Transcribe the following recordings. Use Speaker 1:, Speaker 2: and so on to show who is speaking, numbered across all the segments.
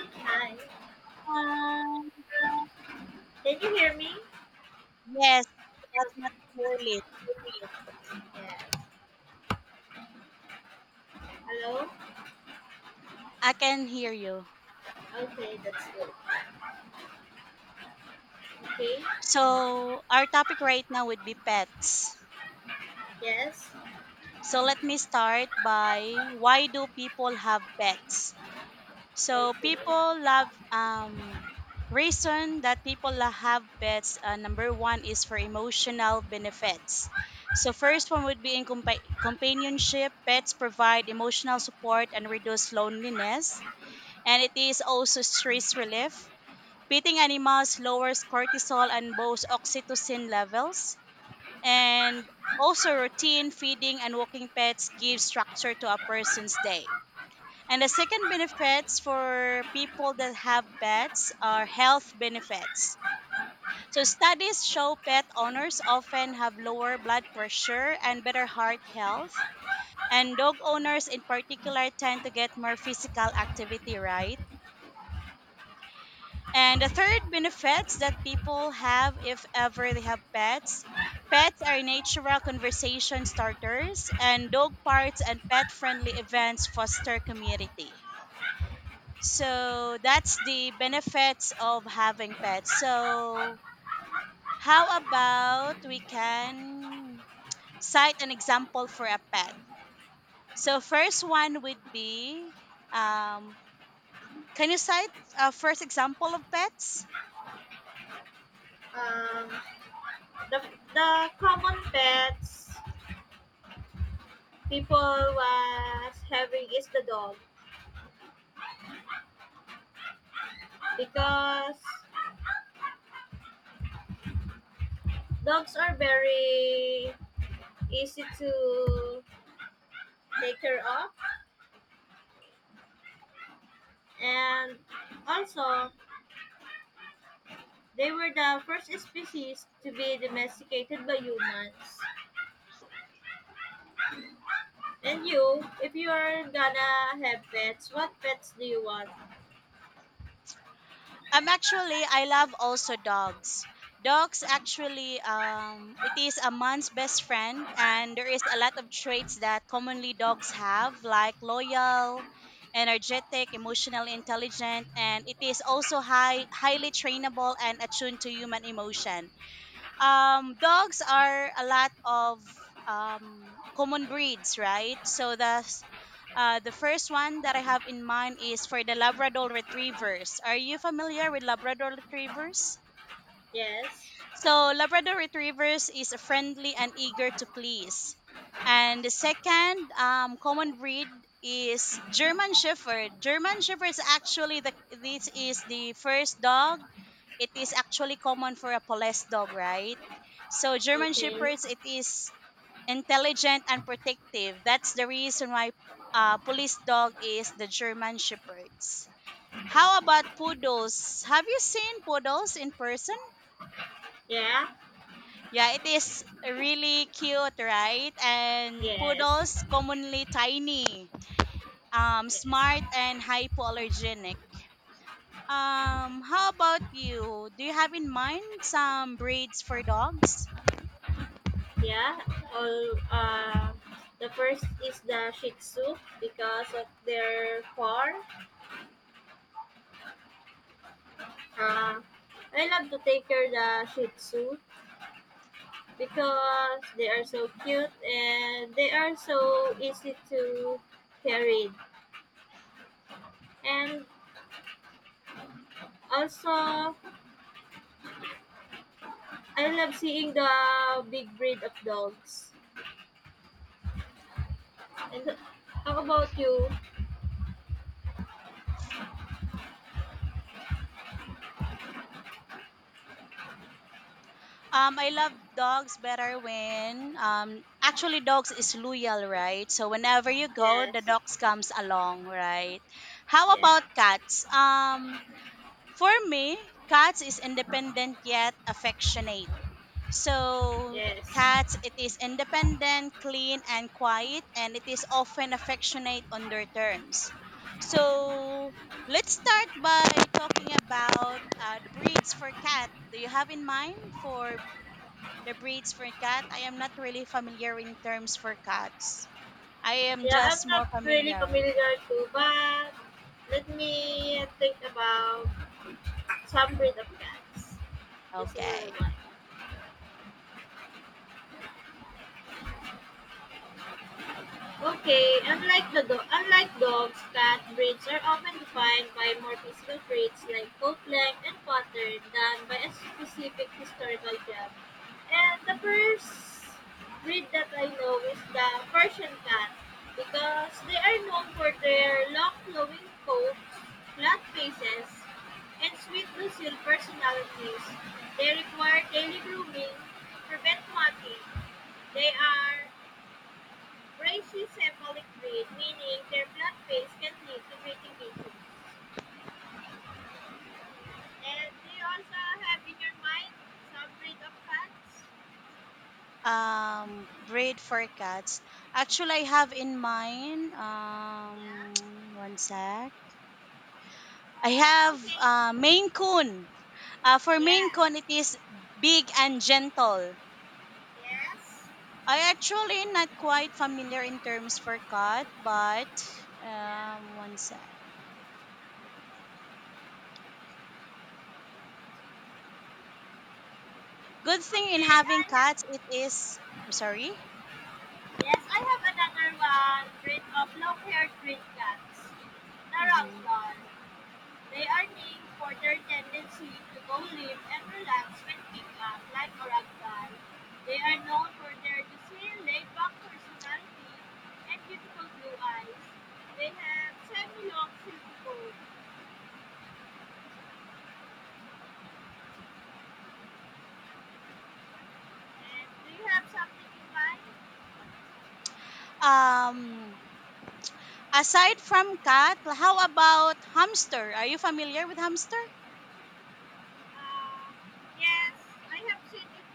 Speaker 1: Hi.
Speaker 2: Um,
Speaker 1: Can you hear me?
Speaker 2: yes, but not clearly.
Speaker 1: Yeah. Hello?
Speaker 2: I can hear you.
Speaker 1: Okay, that's good. Okay.
Speaker 2: So, our topic right now would be pets.
Speaker 1: Yes.
Speaker 2: So, let me start by why do people have pets? So,
Speaker 1: Okay.
Speaker 2: people love reason that people have pets number 1 is for emotional benefits. So, first one would be in companionship. Pets provide emotional support and reduce loneliness, and it is also stress relief. Petting animals lowers cortisol and both oxytocin levels. And also, routine feeding and walking pets gives structure to a person's day. And the second benefits for people that have pets are health benefits. So, studies show pet owners often have lower blood pressure and better heart health. And dog owners, in particular, tend to get more physical activity, right? And the third benefits that people have if ever they have pets. Pets are natural conversation starters, and dog parks and pet friendly events foster community. So that's the benefits of having pets. So, how about we can cite an example for a pet? So, first one would be um, can you cite a first example of pets?
Speaker 1: Um the the common pets people was having is the dog because dogs are very easy to take care of, and also they were the first species to be domesticated by humans. And you, if you are gonna have pets, what pets do you want?
Speaker 2: I love also dogs. Dogs actually, it is a man's best friend, and there is a lot of traits that commonly dogs have, like loyal, energetic, emotional intelligent, and it is also highly trainable and attuned to human emotion. Dogs are a lot of common breeds, right? So that's the first one that I have in mind is for the Labrador Retrievers. Are you familiar with Labrador Retrievers?
Speaker 1: Yes.
Speaker 2: So Labrador Retrievers is friendly and eager to please. And the second common breed is German Shepherd. German Shepherd is actually the this is the first dog. It is actually common for a police dog, right? So German
Speaker 1: Okay.
Speaker 2: Shepherds it is intelligent and protective. That's the reason why police dog is the German Shepherds. How about poodles? Have you seen poodles in person?
Speaker 1: Yeah.
Speaker 2: Yeah, it is really cute, right? And
Speaker 1: Yes.
Speaker 2: poodles commonly tiny,
Speaker 1: Yes.
Speaker 2: smart and hypoallergenic. How about you? Do you have in mind some breeds for dogs?
Speaker 1: Yeah. All, the first is the Shih Tzu because of their fur. Uh, I love to take care the Shih Tzu because they are so cute and they are so easy to carry. And also, I love seeing the big breed of dogs. And how about you?
Speaker 2: I love dogs better when actually dogs is loyal, right? So whenever you go, the
Speaker 1: Yes.
Speaker 2: dogs comes along, right? How
Speaker 1: Yeah.
Speaker 2: about cats? For me, cats is independent yet affectionate. So the
Speaker 1: Yes.
Speaker 2: cats, it is independent, clean, and quiet, and it is often affectionate on their terms. So let's start by talking about the breeds for cat. Do you have in mind for the breeds for cat? I am not really familiar in terms for cats. I am
Speaker 1: Yeah, I'm
Speaker 2: just
Speaker 1: not
Speaker 2: more
Speaker 1: really
Speaker 2: familiar.
Speaker 1: familiar too, but let me think about some breed of cats. Is a little
Speaker 2: Okay.
Speaker 1: okay, unlike the unlike dogs, cat breeds are often defined by more physical traits like coat length and pattern than by a specific historical gem. And the first breed that I know is the Persian cat because they are known for their long flowing coats, flat faces, and sweet docile personalities. They require daily grooming, prevent matting. They are brachycephalic breed, meaning their flat face can lead to breathing issues. And they also have in your mind some breed of cats.
Speaker 2: Breed for cats. Actually, I have in mind.
Speaker 1: Yeah.
Speaker 2: One sec. I have
Speaker 1: Okay.
Speaker 2: Maine Coon. For Maine
Speaker 1: Yeah.
Speaker 2: Coon, it is big and gentle.
Speaker 1: Yes.
Speaker 2: I actually not quite familiar in terms for cat, but
Speaker 1: Yeah.
Speaker 2: one sec. Good thing in
Speaker 1: Okay. I
Speaker 2: having cats,
Speaker 1: have.
Speaker 2: it is. I'm sorry.
Speaker 1: Yes, I have another one. Breed of long-haired green cats.
Speaker 2: Hmm.
Speaker 1: Narangtol. They are named for their tendency to go live and relax when picked up like a ragdoll. They are known for their easy, laid-back personality and beautiful blue eyes. They have semi-long silky coat. And do you have something in mind?
Speaker 2: Um, Aside from cat, how about hamster? Are you familiar with hamster?
Speaker 1: Uh, yes, I have seen it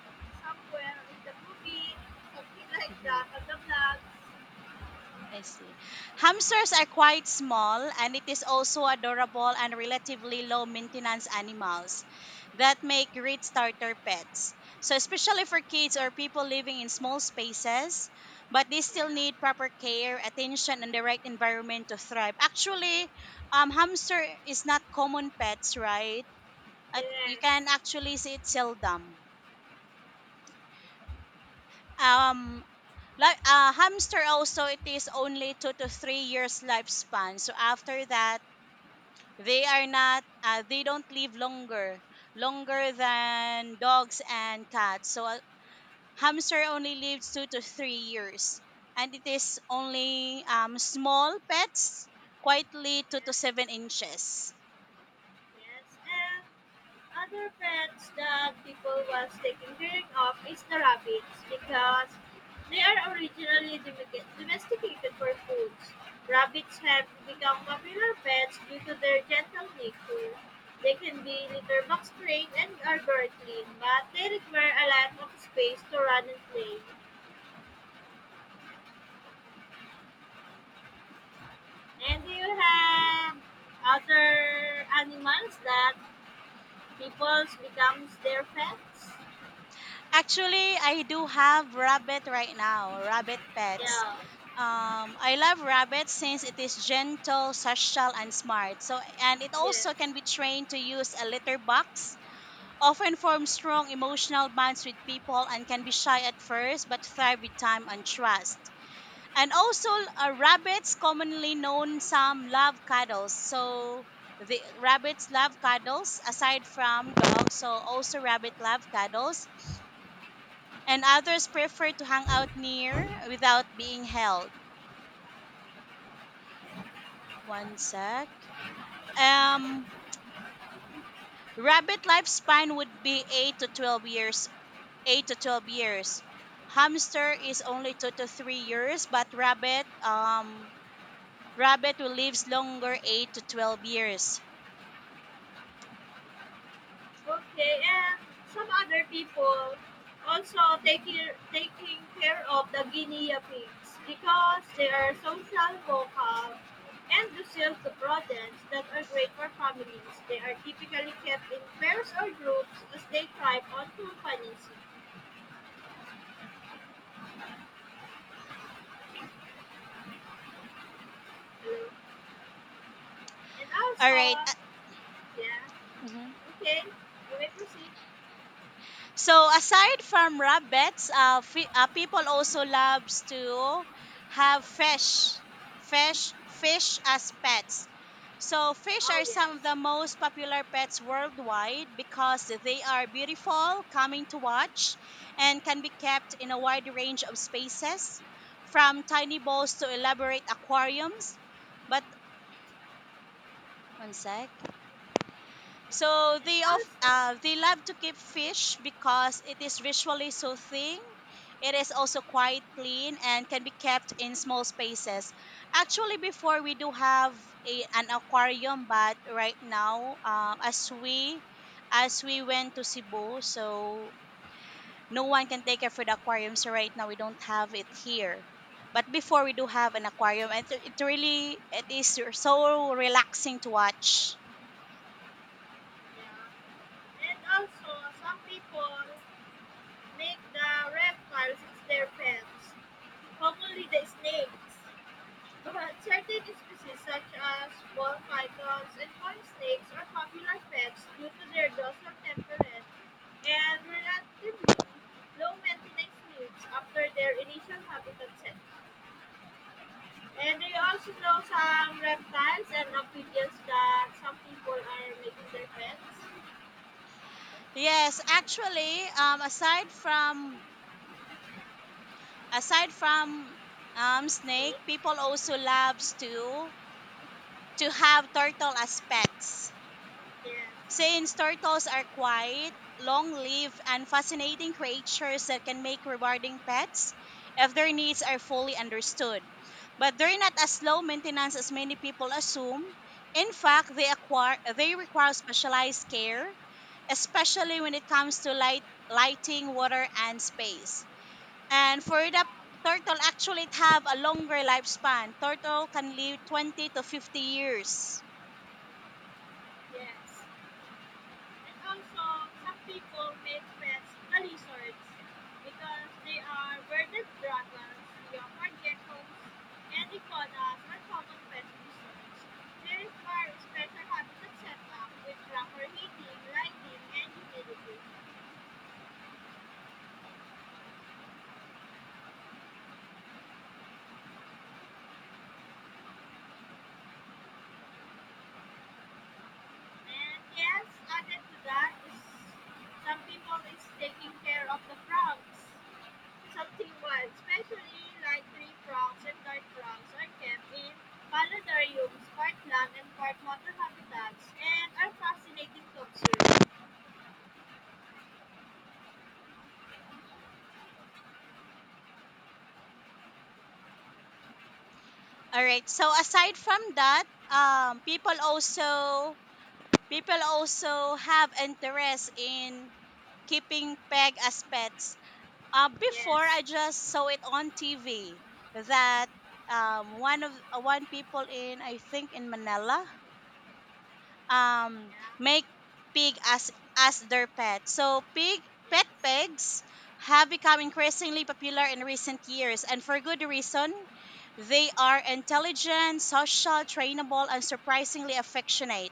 Speaker 1: somewhere in the movie, something like
Speaker 2: Mm-hmm.
Speaker 1: that, on the vlogs.
Speaker 2: I see. Hamsters are quite small and it is also adorable and relatively low maintenance animals that make great starter pets. So especially for kids or people living in small spaces, but they still need proper care, attention and the right environment to thrive. Actually, hamster is not common pets, right? You
Speaker 1: Yes,
Speaker 2: can actually see it seldom. Um like hamster also it is only 2 to 3 years lifespan, so after that they are not. They don't live longer than dogs and cats. So a hamster only lives 2 to 3 years, and it is only small pets, quietly two to
Speaker 1: yes,
Speaker 2: seven inches.
Speaker 1: yes. And other pets that people was taking care of is the rabbits because they are originally domesticated for foods. Rabbits have become popular pets due to their gentle nature. They can be litter box trained and are very clean, but they require a lot of space to run and play. And you have other animals that people becomes their pets.
Speaker 2: Actually, I do have rabbit right now, rabbit pets.
Speaker 1: Yeah,
Speaker 2: I love rabbits since it is gentle, social, and smart. So, and it also
Speaker 1: yes.
Speaker 2: can be trained to use a litter box, often form strong emotional bonds with people and can be shy at first but thrive with time and trust. And also, rabbits, commonly known, some love cuddles. So, the rabbits love cuddles aside from dogs. So, also, rabbit love cuddles. And others prefer to hang out near without being held. One sec. Um, rabbit lifespan would be 8 to 12 years, 8 to 12 years. Hamster is only 2 to 3 years, but rabbit will lives longer, 8 to 12 years.
Speaker 1: Okay, and some other people also taking care of the guinea pigs because they are social, vocal, and docile to rodents that are great for families. They are typically kept in pairs or groups as they thrive on companionship. Hello. And
Speaker 2: All right.
Speaker 1: also, yeah, okay, you may proceed.
Speaker 2: So aside from rabbits, people also loves to have fish as pets. So fish
Speaker 1: Oh
Speaker 2: are
Speaker 1: yes.
Speaker 2: some of the most popular pets worldwide because they are beautiful, coming to watch, and can be kept in a wide range of spaces, from tiny bowls to elaborate aquariums. But one sec. So they
Speaker 1: And
Speaker 2: of
Speaker 1: also,
Speaker 2: uh, they love to keep fish because it is visually soothing. It is also quite clean and can be kept in small spaces. Actually, before we do have an aquarium, but right now, as we went to Cebu, so no one can take care for the aquarium. So right now, we don't have it here. But
Speaker 1: yes,
Speaker 2: before we do have an aquarium, and it really it is so relaxing to watch.
Speaker 1: yeah. And also, some people make the reptiles as their pets, commonly the snakes. But certain species, such as ball pythons and coin snakes, are popular pets due to their docile temperament and relatively low maintenance needs after their initial habitat set. And they also know some reptiles and amphibians that some people are making their pets.
Speaker 2: Yes, actually, aside from snake,
Speaker 1: Snake,
Speaker 2: people also loves to have turtle as pets.
Speaker 1: yes,
Speaker 2: Since turtles are quiet, long-lived, and fascinating creatures that can make rewarding pets if their needs are fully understood. But they're not as low maintenance as many people assume. In fact, they require specialized care, especially when it comes to lighting, water, and space. And for the
Speaker 1: yeah,
Speaker 2: turtle actually it have a longer lifespan. Turtle can live 20 to 50 years.
Speaker 1: yes. And also, some people make pets a lizards because they are bearded dragons, leopard geckos, and iguanas are common pet lizards. They require special habitat setup with proper heating, lighting, and humidity. And yes, added to that is some people is taking care of the frogs. Something wild, especially like tree frogs and night frogs are kept in planetariums, part land and part water habitats, and are fascinating to observe.
Speaker 2: All right. So aside from that, people also have interest in keeping peg as pets. Before
Speaker 1: Yes,
Speaker 2: I just saw it on TV that one people in I think in Manila um
Speaker 1: yeah,
Speaker 2: make pig as their pet. So pig pet
Speaker 1: yes,
Speaker 2: pigs have become increasingly popular in recent years and for good reason. They are intelligent, social, trainable and surprisingly affectionate.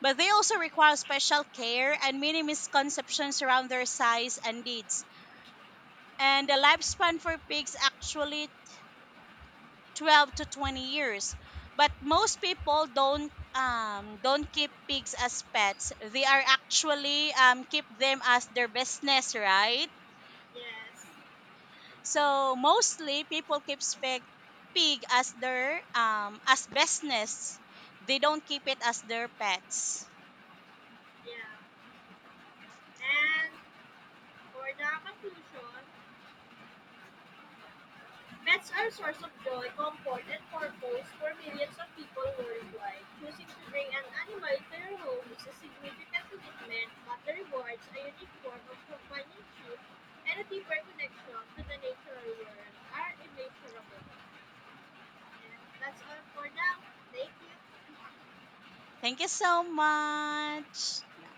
Speaker 2: But they also require special care and many misconceptions around their size and needs. And the lifespan for pigs actually 12 to 20 years, but most people don't keep pigs as pets. They are actually keep them as their business, right?
Speaker 1: yes,
Speaker 2: So mostly people keep pig as their as business. They don't keep it as their pets.
Speaker 1: yeah. And for the conclusion, pets are a source of joy, comfort, and purpose for millions of people worldwide. Choosing to bring an animal into your home is a significant commitment, but the rewards, a unique form of companionship and a deeper connection to the natural world, are immeasurable. And that's all for now. Thank you.
Speaker 2: Thank you so much, Nah.